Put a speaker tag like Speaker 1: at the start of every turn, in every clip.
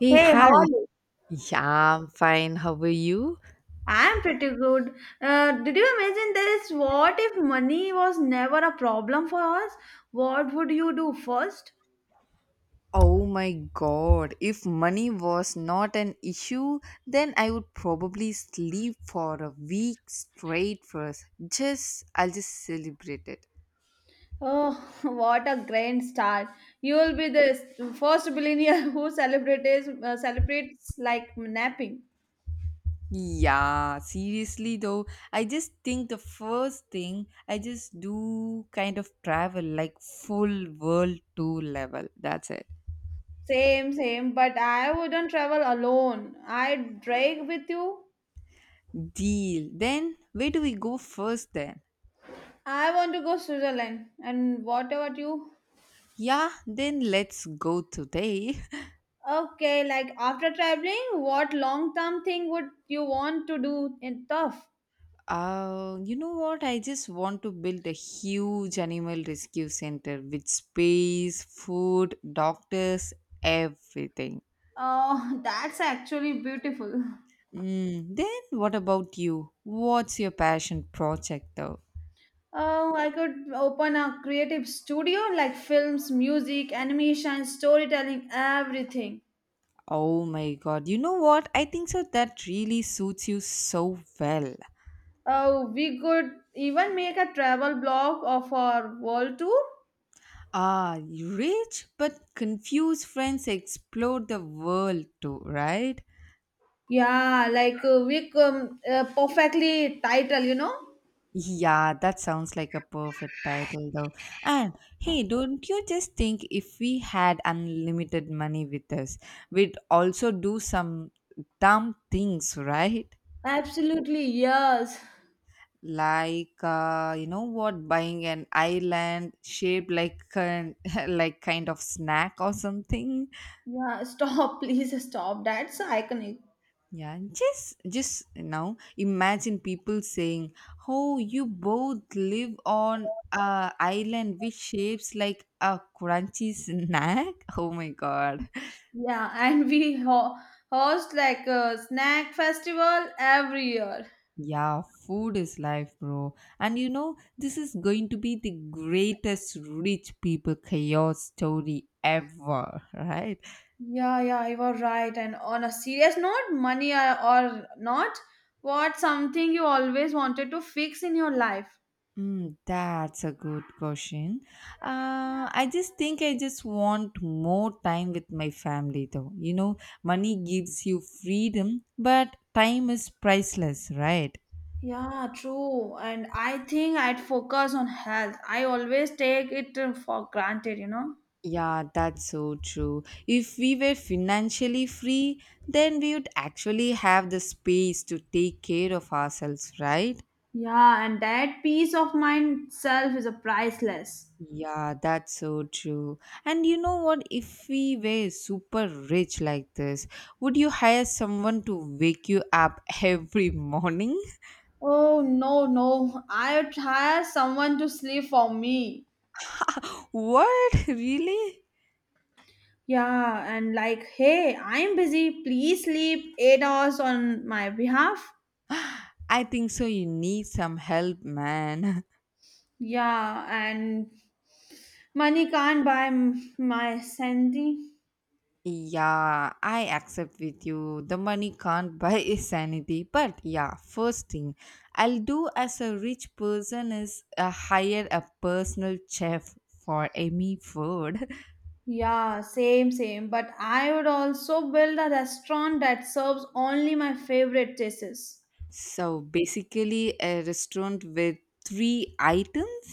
Speaker 1: Hey,
Speaker 2: Hey, how
Speaker 1: hi.
Speaker 2: are you?
Speaker 1: Yeah, I'm fine. How are you?
Speaker 2: I'm pretty good. Did you imagine this? What if money was never a problem for us? What would you do first?
Speaker 1: Oh my god. If money was not an issue, then I would probably sleep for a week straight first. I'll just celebrate it.
Speaker 2: Oh, what a grand start! You will be the first billionaire who celebrates celebrates like napping.
Speaker 1: Yeah, seriously though, I just think the first thing I just do kind of travel like full world tour level. That's it.
Speaker 2: Same, same. But I wouldn't travel alone. I'd drag with you.
Speaker 1: Deal. Then, where do we go first then?
Speaker 2: I want to go Switzerland. And what about you?
Speaker 1: Yeah, then let's go today.
Speaker 2: Okay, like after traveling, what long term thing would you want to do in tough?
Speaker 1: You know what? I just want to build a huge animal rescue center with space, food, doctors, everything.
Speaker 2: Oh, that's actually beautiful.
Speaker 1: Mm, then what about you? What's your passion project though?
Speaker 2: Oh, I could open a creative studio like films, music, animation, storytelling, everything.
Speaker 1: Oh my god, you know what? I think so that really suits you so well.
Speaker 2: Oh, we could even make a travel blog of our world tour.
Speaker 1: Ah, rich but confused friends explore the world too, right?
Speaker 2: Yeah, like we perfectly title, you know?
Speaker 1: Yeah, that sounds like a perfect title though. And hey, don't you just think if we had unlimited money with us, we'd also do some dumb things, right?
Speaker 2: Absolutely, yes.
Speaker 1: Like you know what, buying an island shaped like like kind of snack or something.
Speaker 2: Yeah, stop, please stop. That's iconic.
Speaker 1: Yeah, just now imagine people saying, "Oh, you both live on a island which shapes like a crunchy snack." Oh my god.
Speaker 2: Yeah, and we host like a snack festival every year.
Speaker 1: Yeah, food is life, bro. And you know, this is going to be the greatest rich people chaos story ever, right?
Speaker 2: Yeah, yeah, you are right. And on a serious note, money or not, what's something you always wanted to fix in your life?
Speaker 1: Mm, that's a good question. I just think I just want more time with my family, though. You know, money gives you freedom, but time is priceless, right?
Speaker 2: Yeah, true. And I think I'd focus on health. I always take it for granted, you know?
Speaker 1: Yeah, that's so true. If we were financially free, then we would actually have the space to take care of ourselves, right?
Speaker 2: Yeah, and that peace of mind self is a priceless.
Speaker 1: Yeah, that's so true. And you know what? If we were super rich like this, would you hire someone to wake you up every morning?
Speaker 2: Oh, no, no. I'd hire someone to sleep for me.
Speaker 1: What? Really?
Speaker 2: Yeah, and like, hey, I'm busy. Please sleep 8 hours on my behalf.
Speaker 1: I think so. You need some help, man.
Speaker 2: Yeah, and money can't buy my sanity.
Speaker 1: Yeah, I accept with you. The money can't buy sanity. But yeah, first thing I'll do as a rich person is hire a personal chef for Amy food.
Speaker 2: Yeah, same, same. But I would also build a restaurant that serves only my favorite dishes.
Speaker 1: So basically, a restaurant with three items?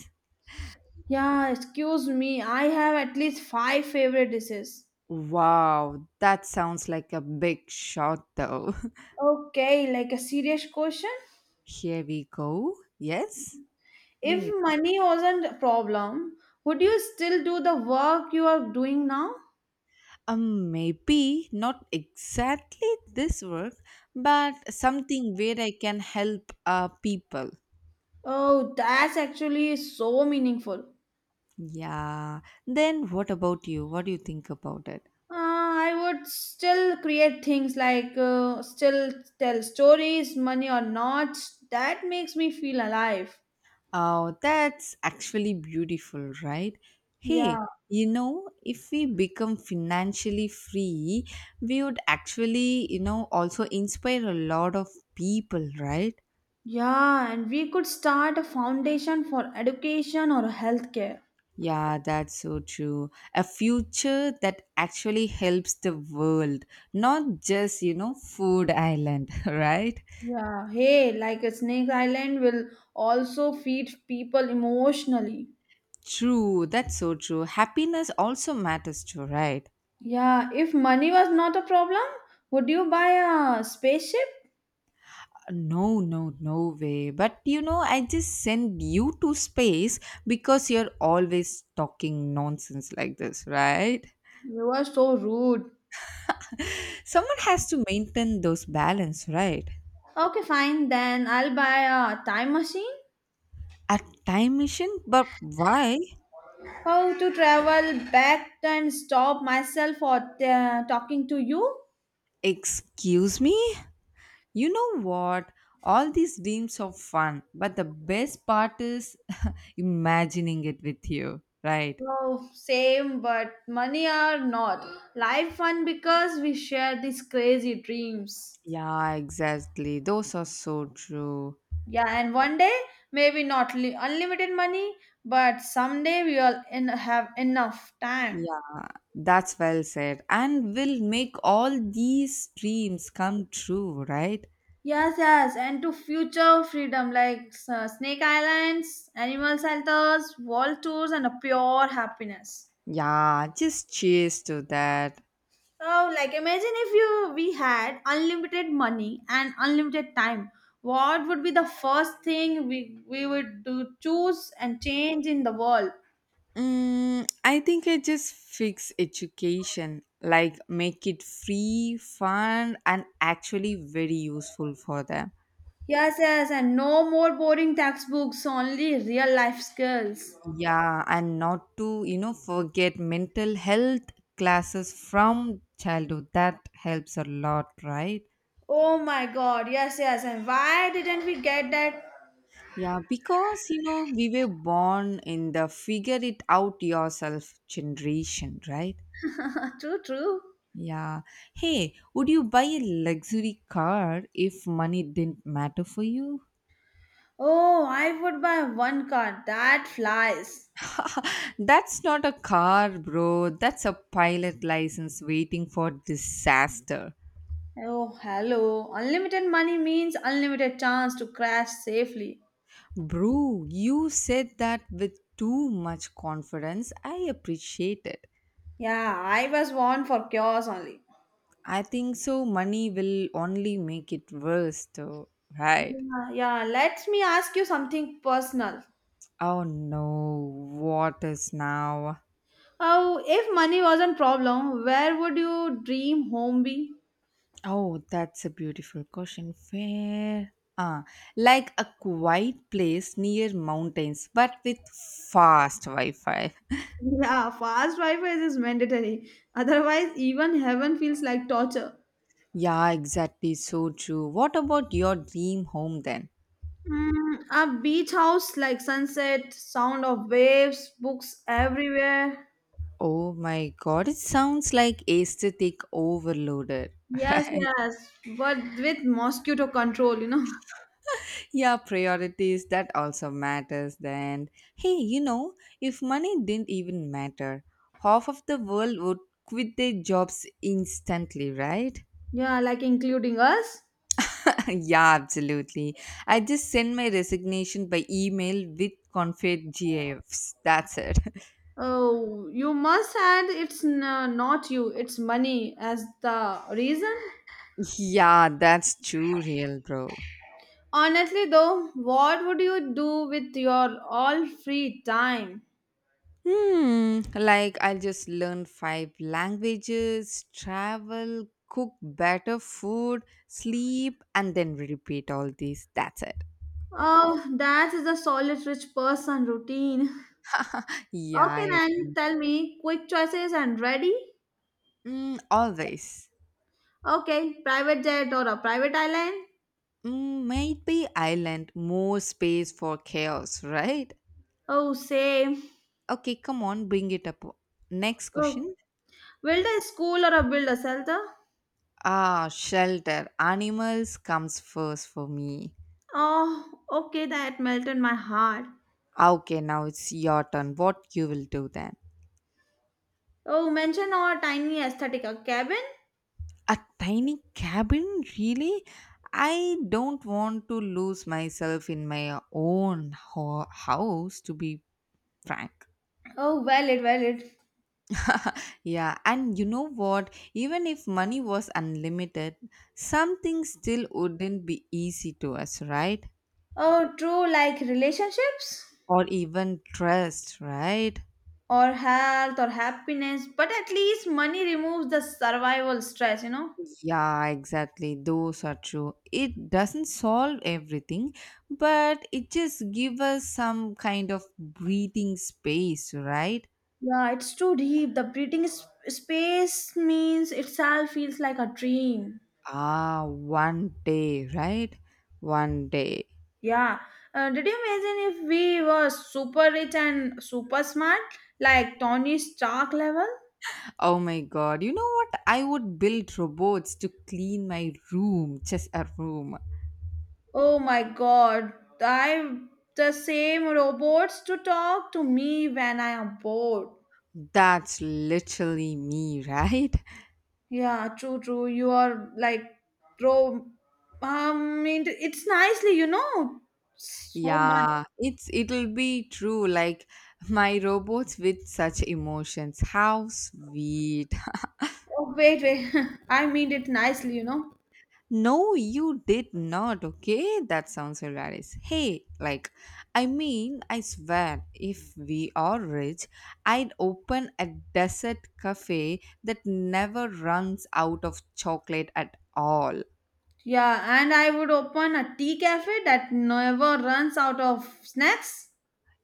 Speaker 2: Yeah, excuse me. I have at least five favorite dishes.
Speaker 1: Wow, that sounds like a big shot though.
Speaker 2: Okay, like a serious question.
Speaker 1: Here we go. Yes, bring
Speaker 2: If
Speaker 1: it on.
Speaker 2: money wasn't a problem, would you still do the work you are doing now?
Speaker 1: Maybe not exactly this work, but something where I can help people.
Speaker 2: Oh, that's actually so meaningful.
Speaker 1: Yeah. Then what about you? What do you think about it?
Speaker 2: I would still create things like still tell stories, money or not. That makes me feel alive.
Speaker 1: Oh, that's actually beautiful, right?
Speaker 2: Yeah.
Speaker 1: Hey, you know, if we become financially free, we would actually, also inspire a lot of people, right?
Speaker 2: Yeah, and we could start a foundation for education or healthcare.
Speaker 1: Yeah, that's so true. A future that actually helps the world, not just, food island, right?
Speaker 2: Yeah, hey, like a Snake Island will also feed people emotionally.
Speaker 1: True, that's so true. Happiness also matters too, right?
Speaker 2: Yeah, if money was not a problem, would you buy a spaceship?
Speaker 1: No, no, no way. But I just send you to space because you're always talking nonsense like this, right?
Speaker 2: You are so rude.
Speaker 1: Someone has to maintain those balance, right?
Speaker 2: Okay, fine, then I'll buy a time machine.
Speaker 1: A time machine? But why?
Speaker 2: How to travel back and stop myself for talking to you?
Speaker 1: Excuse me? You know what? All these dreams are fun, but the best part is imagining it with you, right?
Speaker 2: Oh, same, but money or not. Life fun because we share these crazy dreams.
Speaker 1: Yeah, exactly. Those are so true.
Speaker 2: Yeah, and one day, maybe not unlimited money, but someday we will have enough time.
Speaker 1: That's well said. And will make all these dreams come true, right?
Speaker 2: Yes, yes, and to future freedom like Snake Islands, animal shelters, world tours, and a pure happiness.
Speaker 1: Yeah, just cheers to that.
Speaker 2: Oh, like imagine if you we had unlimited money and unlimited time. What would be the first thing we would do, choose and change in the world?
Speaker 1: Mm, I think I just fix education, like make it free, fun, and actually very useful for them.
Speaker 2: Yes, yes, and no more boring textbooks, only real life skills.
Speaker 1: Yeah, and not to, forget mental health classes from childhood. That helps a lot, right?
Speaker 2: Oh my God! Yes, yes, and why didn't we get that?
Speaker 1: Yeah, because we were born in the figure it out yourself generation, right?
Speaker 2: True, true.
Speaker 1: Yeah. Hey, would you buy a luxury car if money didn't matter for you?
Speaker 2: Oh, I would buy one car. That flies.
Speaker 1: That's not a car, bro. That's a pilot license waiting for disaster.
Speaker 2: Oh, hello. Unlimited money means unlimited chance to crash safely.
Speaker 1: Bro, you said that with too much confidence. I appreciate it.
Speaker 2: Yeah, I was born for chaos only.
Speaker 1: I think so. Money will only make it worse, though, right?
Speaker 2: Yeah, yeah. Let me ask you something personal.
Speaker 1: Oh no, what is now?
Speaker 2: Oh, if money wasn't problem, where would your dream home be?
Speaker 1: Oh, that's a beautiful question. Where? Ah, like a quiet place near mountains, but with fast Wi Fi.
Speaker 2: Yeah, fast Wi-Fi is mandatory. Otherwise, even heaven feels like torture.
Speaker 1: Yeah, exactly. So true. What about your dream home then?
Speaker 2: Mm, a beach house like sunset, sound of waves, books everywhere.
Speaker 1: Oh my god, it sounds like aesthetic overloaded.
Speaker 2: Yes, yes, but with mosquito control, you know.
Speaker 1: Yeah, priorities that also matters then. Hey, if money didn't even matter, half of the world would quit their jobs instantly, right?
Speaker 2: Yeah, like including us.
Speaker 1: Yeah, absolutely. I just send my resignation by email with confed gifs. That's it.
Speaker 2: Oh, you must add it's not you, it's money as the reason.
Speaker 1: Yeah, that's too real, bro.
Speaker 2: Honestly, though, what would you do with your all free time?
Speaker 1: Hmm, like I'll just learn five languages, travel, cook better food, sleep, and then repeat all these. That's it.
Speaker 2: Oh, that is a solid rich person routine.
Speaker 1: Yeah,
Speaker 2: Okay, then tell me quick choices and ready?
Speaker 1: always.
Speaker 2: Okay, private jet or a private island?
Speaker 1: Mm, maybe I learned more space for chaos, right?
Speaker 2: Oh, same.
Speaker 1: Okay, come on, bring it up. Next
Speaker 2: Oh,
Speaker 1: question.
Speaker 2: build a school or a build a shelter?
Speaker 1: Ah, shelter. Animals comes first for me.
Speaker 2: Oh, okay, that melted my heart.
Speaker 1: Okay, now it's your turn. What you will do then?
Speaker 2: Oh, mention our tiny aesthetic cabin.
Speaker 1: A tiny cabin? Really? I don't want to lose myself in my own house, to be frank.
Speaker 2: Oh, valid, valid.
Speaker 1: Yeah, and you know what? Even if money was unlimited, something still wouldn't be easy to us, right?
Speaker 2: Oh, true, like relationships
Speaker 1: Or even trust, right?
Speaker 2: or health or happiness, but at least money removes the survival stress, you know.
Speaker 1: Yeah, exactly. Those are true. It doesn't solve everything, but it just gives us some kind of breathing space, right?
Speaker 2: Yeah, it's too deep. The breathing space means itself feels like a dream.
Speaker 1: Ah, one day, right? One day.
Speaker 2: Yeah. Did you imagine if we were super rich and super smart, like Tony Stark level?
Speaker 1: Oh my god. You know what? I would build robots to clean my room, just a room.
Speaker 2: Oh my god, I the same robots to talk to me when I am bored.
Speaker 1: That's literally me, right?
Speaker 2: Yeah, true, true. You are like bro. Mean it's nicely, you know, so much.
Speaker 1: Yeah, it'll be true like my robots with such emotions. How sweet.
Speaker 2: Oh wait, wait. I mean it nicely, you know.
Speaker 1: No, you did not. Okay, that sounds hilarious. Hey, like, I mean, I swear, if we are rich, I'd open a desert cafe that never runs out of chocolate at all.
Speaker 2: Yeah, and I would open a tea cafe that never runs out of snacks.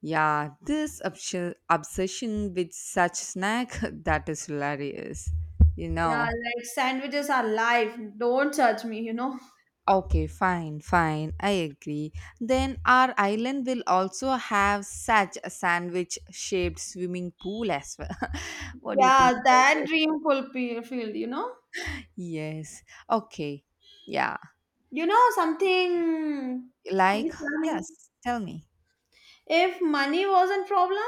Speaker 1: Yeah, this obsession with such snack that is hilarious. You
Speaker 2: Yeah,
Speaker 1: know.
Speaker 2: like sandwiches are life. Don't judge me, you know.
Speaker 1: Okay, fine, fine. I agree. Then our island will also have such a sandwich shaped swimming pool as well. What do you think
Speaker 2: Yeah,
Speaker 1: about
Speaker 2: that
Speaker 1: it?
Speaker 2: dream fulfilled, you know.
Speaker 1: Yes. Okay. Yeah.
Speaker 2: You know something? Please
Speaker 1: Like,
Speaker 2: tell me.
Speaker 1: yes, tell me.
Speaker 2: If money wasn't problem,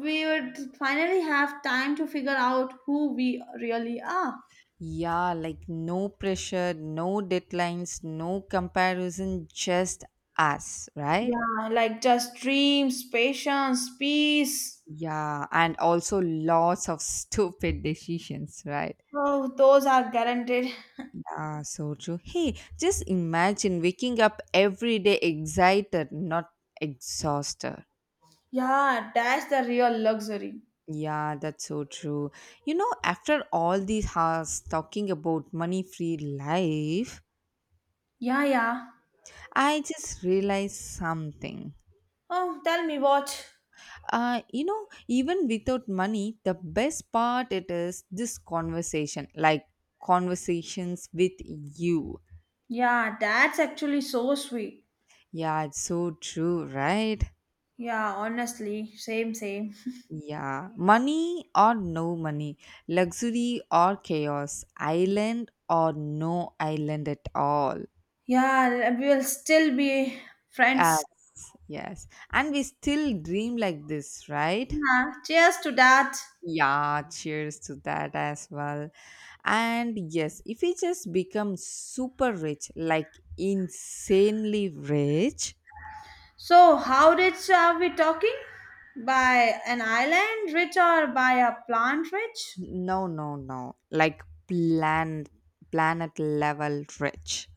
Speaker 2: we would finally have time to figure out who we really are.
Speaker 1: Yeah, like no pressure, no deadlines, no comparison, just us, right?
Speaker 2: Yeah, like just dreams, patience, peace.
Speaker 1: Yeah, and also lots of stupid decisions, right?
Speaker 2: Oh, those are guaranteed.
Speaker 1: Ah, so true. Hey, just imagine waking up every day excited, not exhausted.
Speaker 2: Yeah, that's the real luxury.
Speaker 1: Yeah, that's so true. You know, after all these hours talking about money free life,
Speaker 2: Yeah, yeah.
Speaker 1: I just realized something.
Speaker 2: Oh, tell me what.
Speaker 1: Even without money, the best part it is this conversation, like conversations with you.
Speaker 2: Yeah, that's actually so sweet.
Speaker 1: Yeah, it's so true, right?
Speaker 2: Yeah, honestly, same, same.
Speaker 1: Yeah, money or no money, luxury or chaos, island or no island at all.
Speaker 2: Yeah, we'll still be friends.
Speaker 1: Yes, yes. And we still dream like this, right?
Speaker 2: Yeah, cheers to that.
Speaker 1: Yeah, cheers to that as well. And yes, if we just become super rich, like insanely rich,
Speaker 2: So, how rich are we talking? By an island rich or by a plant rich?
Speaker 1: no, no, no, like planet planet level rich.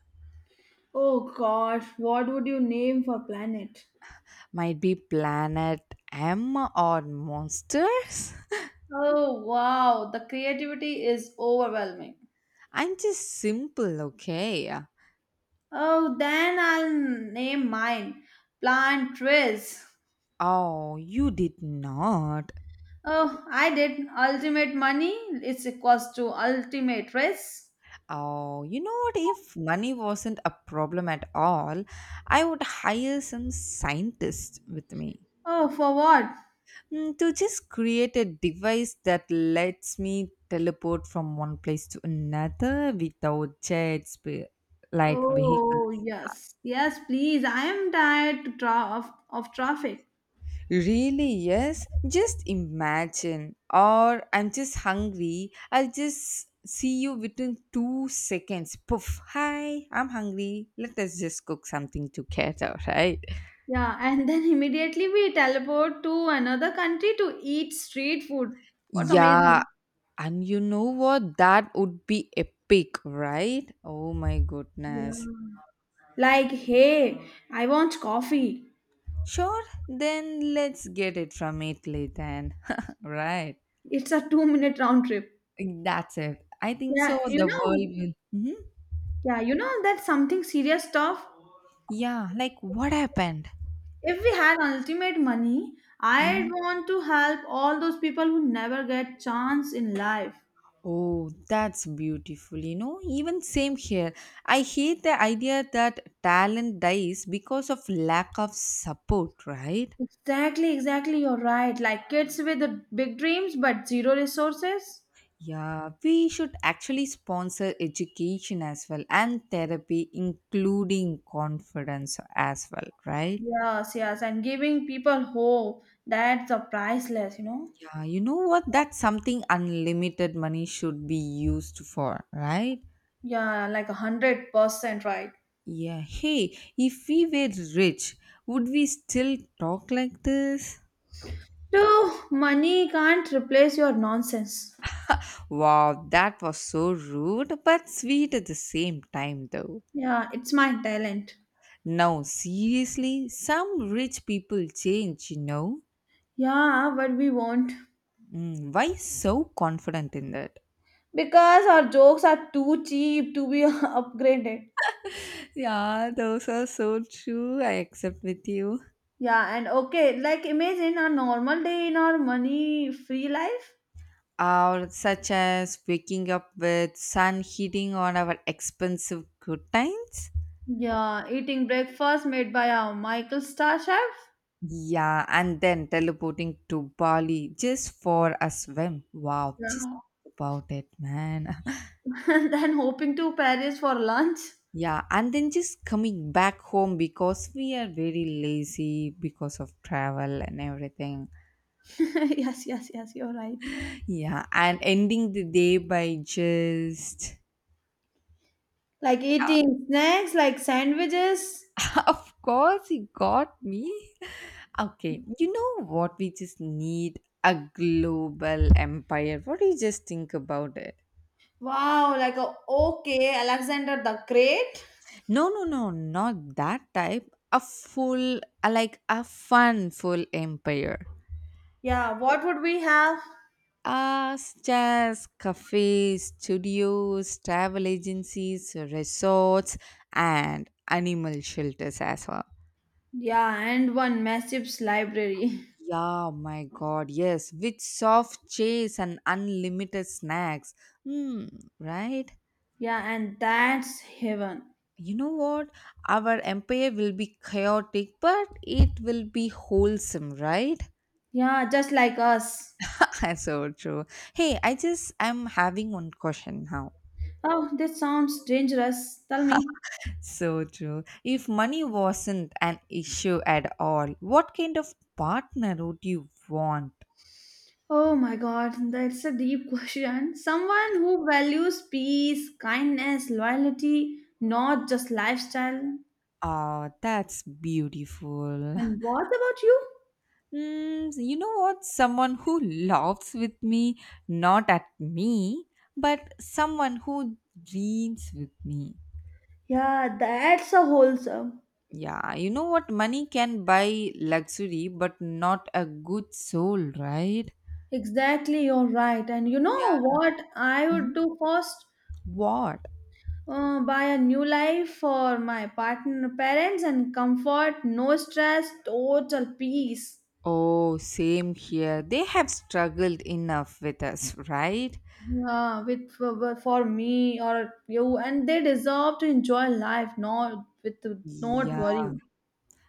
Speaker 2: Oh gosh, what would you name for planet?
Speaker 1: Might be planet M or monsters.
Speaker 2: Oh, wow, the creativity is overwhelming.
Speaker 1: I'm just simple, okay?
Speaker 2: Oh, then I'll name mine Plant Riz.
Speaker 1: Oh, you did not.
Speaker 2: Oh, I did. Ultimate money is equals to ultimate risk.
Speaker 1: Oh, you know what? If money wasn't a problem at all, I would hire some scientist with me
Speaker 2: Oh, for what?
Speaker 1: to just create a device that lets me teleport from one place to another without jets, like vehicle.
Speaker 2: Oh, yes. Yes, please. I am tired to of traffic.
Speaker 1: Really, yes. Just imagine. Or I'm just hungry. I'll just see you within two seconds. Poof. Hi, I'm hungry. Let us just cook something together, right?
Speaker 2: Yeah, and then immediately we teleport to another country to eat street food. What's
Speaker 1: Yeah.
Speaker 2: amazing?
Speaker 1: And you know what? That would be epic, right? Oh my
Speaker 2: Yeah.
Speaker 1: goodness.
Speaker 2: Like, hey, I want coffee.
Speaker 1: Sure, then let's get it from Italy then. Right.
Speaker 2: It's a 2-minute round trip.
Speaker 1: That's it. I think
Speaker 2: Yeah,
Speaker 1: so.
Speaker 2: you
Speaker 1: The world
Speaker 2: know,
Speaker 1: will. Mhm.
Speaker 2: that's something serious stuff.
Speaker 1: Yeah, like what happened?
Speaker 2: If we had ultimate money, I'd
Speaker 1: Mhm.
Speaker 2: want to help all those people who never get chance in life.
Speaker 1: Oh, that's beautiful. You know, even same here. I hate the idea that talent dies because of lack of support, right?
Speaker 2: Exactly, exactly. You're right. Like kids with the big dreams but zero resources.
Speaker 1: Yeah, we should actually sponsor education as well and therapy, including confidence as well, right?
Speaker 2: Yes, yes. And giving people hope. That's a priceless, you know?
Speaker 1: Yeah, you know what? That's something unlimited money should be used for, right?
Speaker 2: Yeah, like 100% right.
Speaker 1: Yeah, hey, if we were rich, would we still talk like this?
Speaker 2: No, money can't replace your nonsense.
Speaker 1: Wow, that was so rude but sweet at the same time, though.
Speaker 2: Yeah, it's my talent.
Speaker 1: Now, seriously, some rich people change, you know?
Speaker 2: Yeah, but we won't.
Speaker 1: Mm, why so confident in that?
Speaker 2: Because our jokes are too cheap to be upgraded.
Speaker 1: Yeah, those are so true. I accept with you.
Speaker 2: Yeah, and okay, like imagine a normal day in our money free life.
Speaker 1: Or such as waking up with sun hitting on our expensive good time?
Speaker 2: Yeah, eating breakfast made by our Michael Star chef.
Speaker 1: Yeah, and then teleporting to Bali just for a swim. Wow, just
Speaker 2: Yeah.
Speaker 1: think about it, man.
Speaker 2: Then hoping to Paris for lunch.
Speaker 1: Yeah, and then just coming back home because we are very lazy because of travel and everything.
Speaker 2: yes, yes, yes, you're right.
Speaker 1: Yeah, and ending the day by just.
Speaker 2: Like eating snacks like sandwiches.
Speaker 1: Of course, he got me. Okay, you know what? We just need a global empire. What do you just think about it?
Speaker 2: Wow, like a okay, Alexander the Great.
Speaker 1: No, no, no, not that type. A full, like a fun, full empire.
Speaker 2: Yeah, what would we have?
Speaker 1: Stairs, cafes, studios, travel agencies, resorts, and animal shelters as well.
Speaker 2: Yeah, and one massive library.
Speaker 1: Yeah, my God, yes, with soft chase and unlimited snacks. Hmm, right?
Speaker 2: Yeah, and that's heaven.
Speaker 1: You know what? Our empire will be chaotic, but it will be wholesome, right?
Speaker 2: Yeah, just like us.
Speaker 1: So true. Hey, I'm having one question now.
Speaker 2: Oh, that sounds dangerous. Tell me.
Speaker 1: So true. If money wasn't an issue at all, what kind of partner would you want?
Speaker 2: Oh my god, that's a deep question. Someone who values peace, kindness, loyalty, not just lifestyle.
Speaker 1: Ah, that's beautiful.
Speaker 2: And what about you?
Speaker 1: Mm, you know what? Someone who laughs with me, not at me, but someone who dreams with me.
Speaker 2: Yeah, that's a wholesome.
Speaker 1: Yeah, you know what? Money can buy luxury, but not a good soul, right?
Speaker 2: Exactly, you're right. And you
Speaker 1: Yeah.
Speaker 2: know what I would
Speaker 1: Mhm.
Speaker 2: do first?
Speaker 1: What?
Speaker 2: Buy a new life for my partner, parents, and comfort, no stress, total peace.
Speaker 1: Oh, same here. They have struggled enough with us, right?
Speaker 2: Yeah, with for me or you, and they deserve to enjoy life, not with not
Speaker 1: Yeah.
Speaker 2: worry.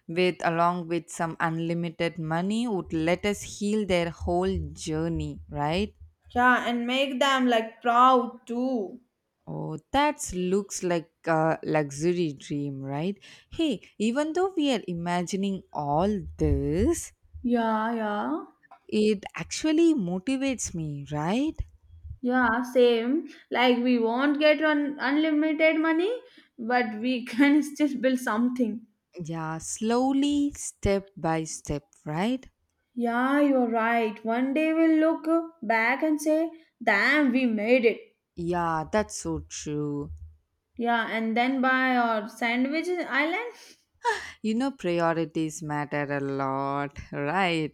Speaker 1: With along with some unlimited money would let us heal their whole journey, right?
Speaker 2: Yeah, and make them like proud too.
Speaker 1: Oh, that looks like a luxury dream, right? Hey, even though we are imagining all this,
Speaker 2: Yeah, yeah,
Speaker 1: it actually motivates me, right?
Speaker 2: yeah, same. Like we won't get un unlimited money, but we can still build something.
Speaker 1: Yeah, slowly, step by step, right?
Speaker 2: Yeah, you're right. One day we'll look back and say, "Damn, we made it."
Speaker 1: Yeah, that's so true.
Speaker 2: Yeah, and then by our Sandwich Island.
Speaker 1: You know, priorities matter a lot, right?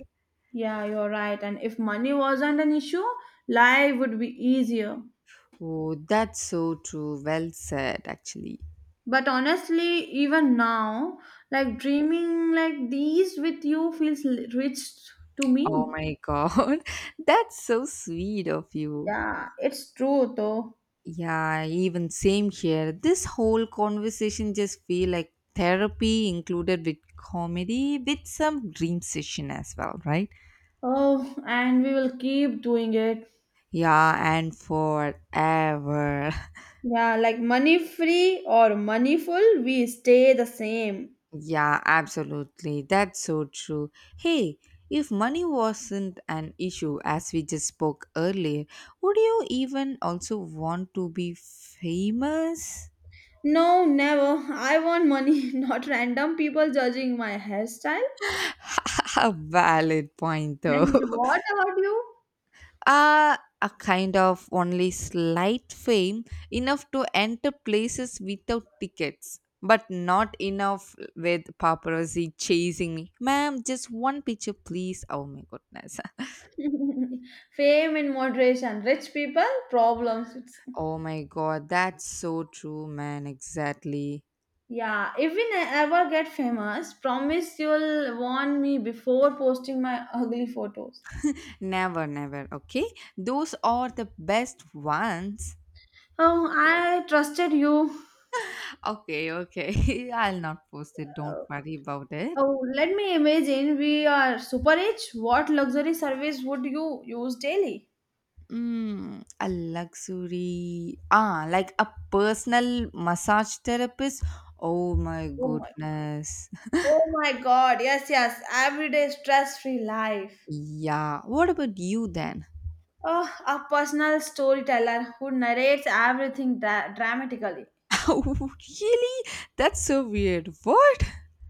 Speaker 2: Yeah, you're right. And if money wasn't an issue, life would be easier.
Speaker 1: Oh, that's so true. Well said, actually.
Speaker 2: But honestly, even now, like dreaming like these with you feels rich to
Speaker 1: Oh
Speaker 2: me.
Speaker 1: my god, that's so sweet of you.
Speaker 2: Yeah, it's true though.
Speaker 1: Yeah, even same here. This whole conversation just feel like therapy included with comedy with some dream session as well, right?
Speaker 2: Oh, and we will keep doing it.
Speaker 1: Yeah, and forever.
Speaker 2: Yeah, like money free or money full, we stay the same.
Speaker 1: Yeah, absolutely. That's so true. Hey, if money wasn't an issue, as we just spoke earlier, would you even also want to be famous?
Speaker 2: No, never. I want money, not random people judging my hairstyle.
Speaker 1: A valid point, though.
Speaker 2: And what about you?
Speaker 1: Uh, a kind of only slight fame, enough to enter places without tickets, but not enough with paparazzi chasing me. Ma'am, just one picture, please. Oh my goodness.
Speaker 2: Fame in moderation. Rich people, problems. It's,
Speaker 1: Oh my god, that's so true, man. Exactly.
Speaker 2: yeah, if we ever get famous, promise you'll warn me before posting my ugly photos.
Speaker 1: Never, never. Okay, those are the best ones.
Speaker 2: Oh, I trusted you.
Speaker 1: Okay, okay. I'll not post it. Don't worry about it.
Speaker 2: Oh, let me imagine we are super rich. What luxury service would you use daily?
Speaker 1: A luxury. Ah, like a personal massage therapist. Oh my
Speaker 2: Oh my,
Speaker 1: goodness.
Speaker 2: oh my God. Yes, yes. Everyday stress free life.
Speaker 1: Yeah. What about you then?
Speaker 2: Oh, a personal storyteller who narrates everything dramatically.
Speaker 1: Really? That's so weird. What?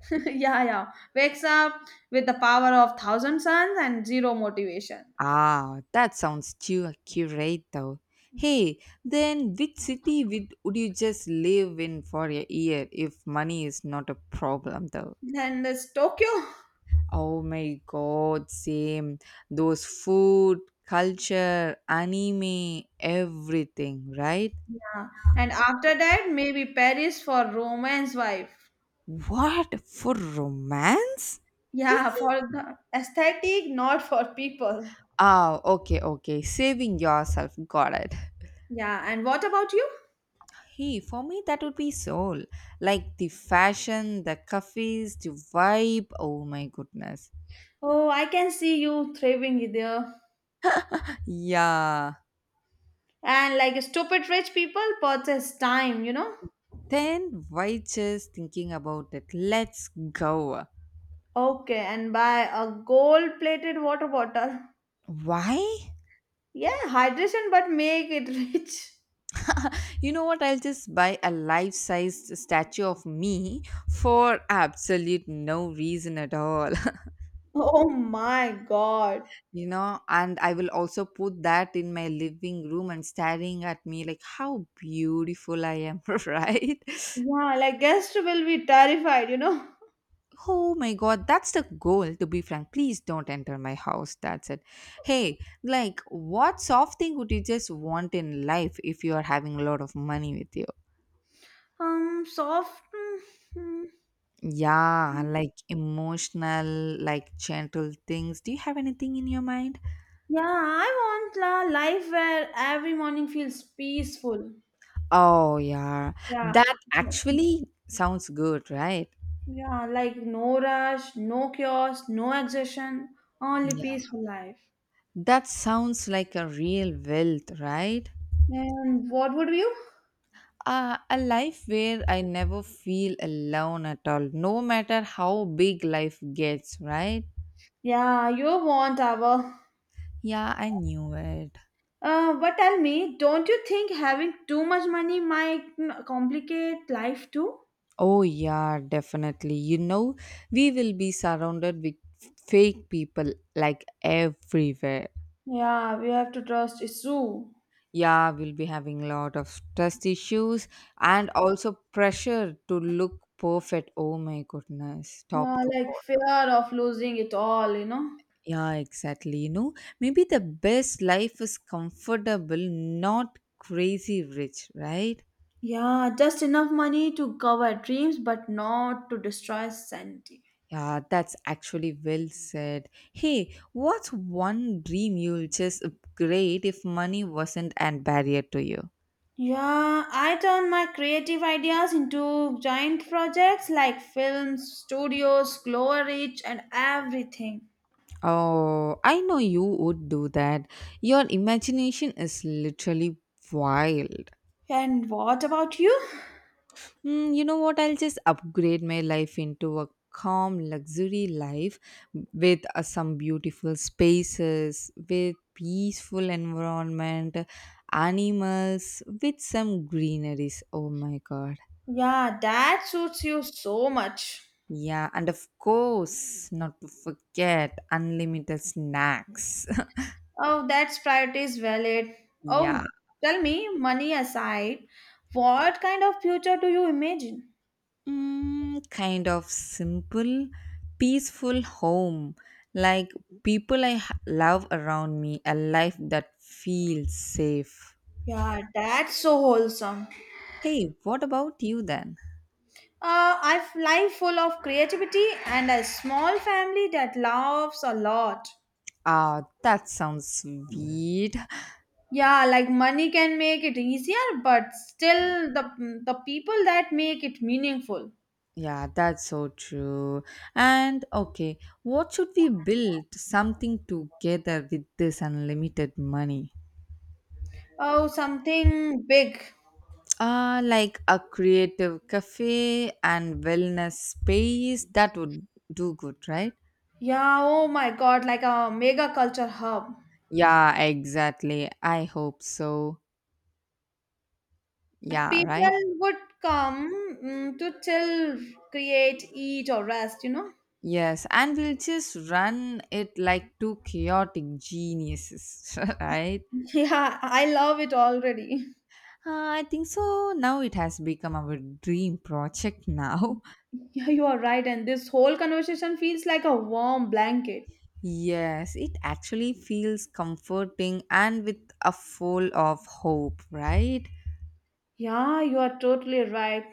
Speaker 2: Yeah, yeah. Wakes up with the power of thousand suns and zero motivation.
Speaker 1: Ah, that sounds too accurate though. Hey, then which city would you just live in for a year if money is not a problem though?
Speaker 2: Then there's Tokyo.
Speaker 1: Oh my god, same. Those food, culture, anime, everything, right?
Speaker 2: Yeah. And after that, maybe Paris for romance wife.
Speaker 1: What? For romance?
Speaker 2: Yeah,
Speaker 1: Really?
Speaker 2: for the aesthetic, not for people.
Speaker 1: Ah, okay, okay. Saving yourself. Got it.
Speaker 2: Yeah, and what about you?
Speaker 1: Hey, for me, that would be soul. Like the fashion, the cafes, the vibe. Oh my goodness.
Speaker 2: Oh, I can see you thriving there.
Speaker 1: Yeah.
Speaker 2: And like stupid rich people purchase time, you know?
Speaker 1: Then why just thinking about it? Let's go.
Speaker 2: Okay, and buy a gold plated water bottle.
Speaker 1: Why?
Speaker 2: Yeah, hydration, but make it rich.
Speaker 1: You know what? I'll just buy a life sized statue of me for absolute no reason at all.
Speaker 2: Oh my god.
Speaker 1: You know, and I will also put that in my living room and staring at me like how beautiful I am, right?
Speaker 2: Yeah, like guest will be terrified, you know.
Speaker 1: Oh my god, that's the goal, to be frank. Please don't enter my house. That's it. Hey, like, what soft thing would you just want in life if you are having a lot of money with you?
Speaker 2: Soft. mm.
Speaker 1: Yeah, like emotional, like gentle things. Do you have anything in your mind?
Speaker 2: Yeah, I want a life where every morning feels peaceful.
Speaker 1: Oh, yeah.
Speaker 2: Yeah.
Speaker 1: That actually sounds good, right?
Speaker 2: Yeah, like no rush, no chaos, no exertion, only
Speaker 1: Yeah.
Speaker 2: peaceful life.
Speaker 1: That sounds like a real wealth, right?
Speaker 2: And what would you?
Speaker 1: A life where I never feel alone at all, no matter how big life gets, right?
Speaker 2: Yeah, you want our.
Speaker 1: Yeah, I knew it.
Speaker 2: But tell me, don't you think having too much money might complicate life too?
Speaker 1: Oh, yeah, definitely. You know, we will be surrounded with fake people like everywhere.
Speaker 2: Yeah, we have to trust Isu.
Speaker 1: Yeah, we'll be having a lot of trust issues and also pressure to look perfect. Oh my goodness,
Speaker 2: Yeah,
Speaker 1: top to
Speaker 2: like
Speaker 1: bottom.
Speaker 2: fear of losing it all, you know?
Speaker 1: Yeah, exactly. You know, maybe the best life is comfortable, not crazy rich, right?
Speaker 2: Yeah, just enough money to cover dreams but not to destroy sanity.
Speaker 1: Yeah, that's actually well said. Hey, what's one dream you'll just upgrade if money wasn't an barrier to you?
Speaker 2: Yeah, I turn my creative ideas into giant projects like films, studios, glowreach, and everything.
Speaker 1: Oh, I know you would do that. Your imagination is literally wild.
Speaker 2: And what about you?
Speaker 1: Mm, you know what? I'll just upgrade my life into a calm luxury life with some beautiful spaces, with peaceful environment, animals, with some greeneries. Oh my god.
Speaker 2: Yeah, that suits you so much.
Speaker 1: Yeah, and of course, not to forget unlimited snacks.
Speaker 2: Oh, that's priority is valid.
Speaker 1: Yeah.
Speaker 2: Oh, tell me, money aside, what kind of future do you imagine?
Speaker 1: Mm, kind of simple, peaceful home. Like people I love around me, a life that feels safe.
Speaker 2: Yeah, that's so wholesome.
Speaker 1: Hey, what about you then?
Speaker 2: I have life full of creativity and a small family that laughs a lot.
Speaker 1: Ah, that sounds sweet.
Speaker 2: Yeah, like money can make it easier, but still the people that make it meaningful.
Speaker 1: Yeah, that's so true. And okay, what should we build something together with this unlimited money?
Speaker 2: Oh, something big.
Speaker 1: Ah, like a creative cafe and wellness space that would do good, right?
Speaker 2: Yeah, oh my God, like a mega culture hub.
Speaker 1: Yeah, exactly. I hope so.
Speaker 2: Like
Speaker 1: Yeah, right?
Speaker 2: people would come to chill, create, eat, or rest, you know?
Speaker 1: Yes, and we'll just run it like two chaotic geniuses, right?
Speaker 2: Yeah, I love it already.
Speaker 1: I think so. Now it has become our dream project now.
Speaker 2: Yeah, you are right, and this whole conversation feels like a warm blanket.
Speaker 1: Yes, it actually feels comforting and with a full of hope, right?
Speaker 2: Yeah, you are totally right.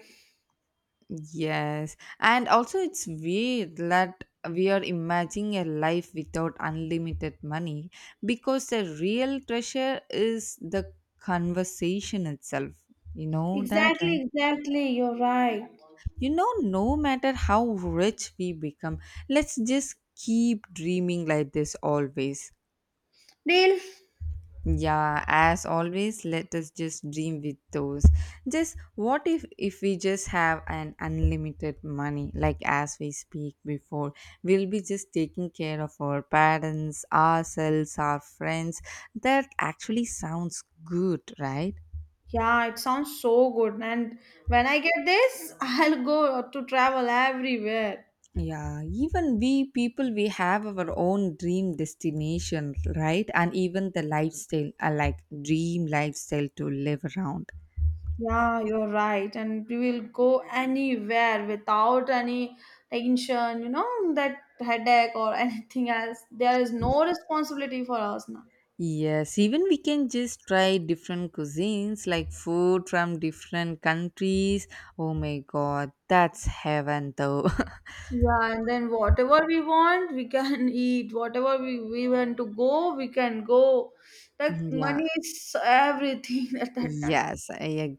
Speaker 1: Yes, and also it's weird that we are imagining a life without unlimited money because the real treasure is the conversation itself. You know that, right?
Speaker 2: Exactly, exactly, you're right.
Speaker 1: You know, no matter how rich we become, let's just keep dreaming like this always.
Speaker 2: Deal?
Speaker 1: Yeah, as always, let us just dream with those. Just what if we just have an unlimited money, like as we speak before, we'll be just taking care of our parents, ourselves, our friends. That actually sounds good, right?
Speaker 2: Yeah, it sounds so good. And when I get this, I'll go to travel everywhere.
Speaker 1: Yeah, even we people, we have our own dream destination, right? And even the lifestyle, like dream lifestyle to live around.
Speaker 2: Yeah, you're right. And we will go anywhere without any tension, you know, that headache or anything else. There is no responsibility for us now.
Speaker 1: Yes, even we can just try different cuisines like food from different countries. Oh my god, that's heaven though.
Speaker 2: Yeah, and then whatever we want, we can eat. Whatever we want to go, we can go. Like
Speaker 1: Yeah,
Speaker 2: money is everything at that time.
Speaker 1: yes, I agree.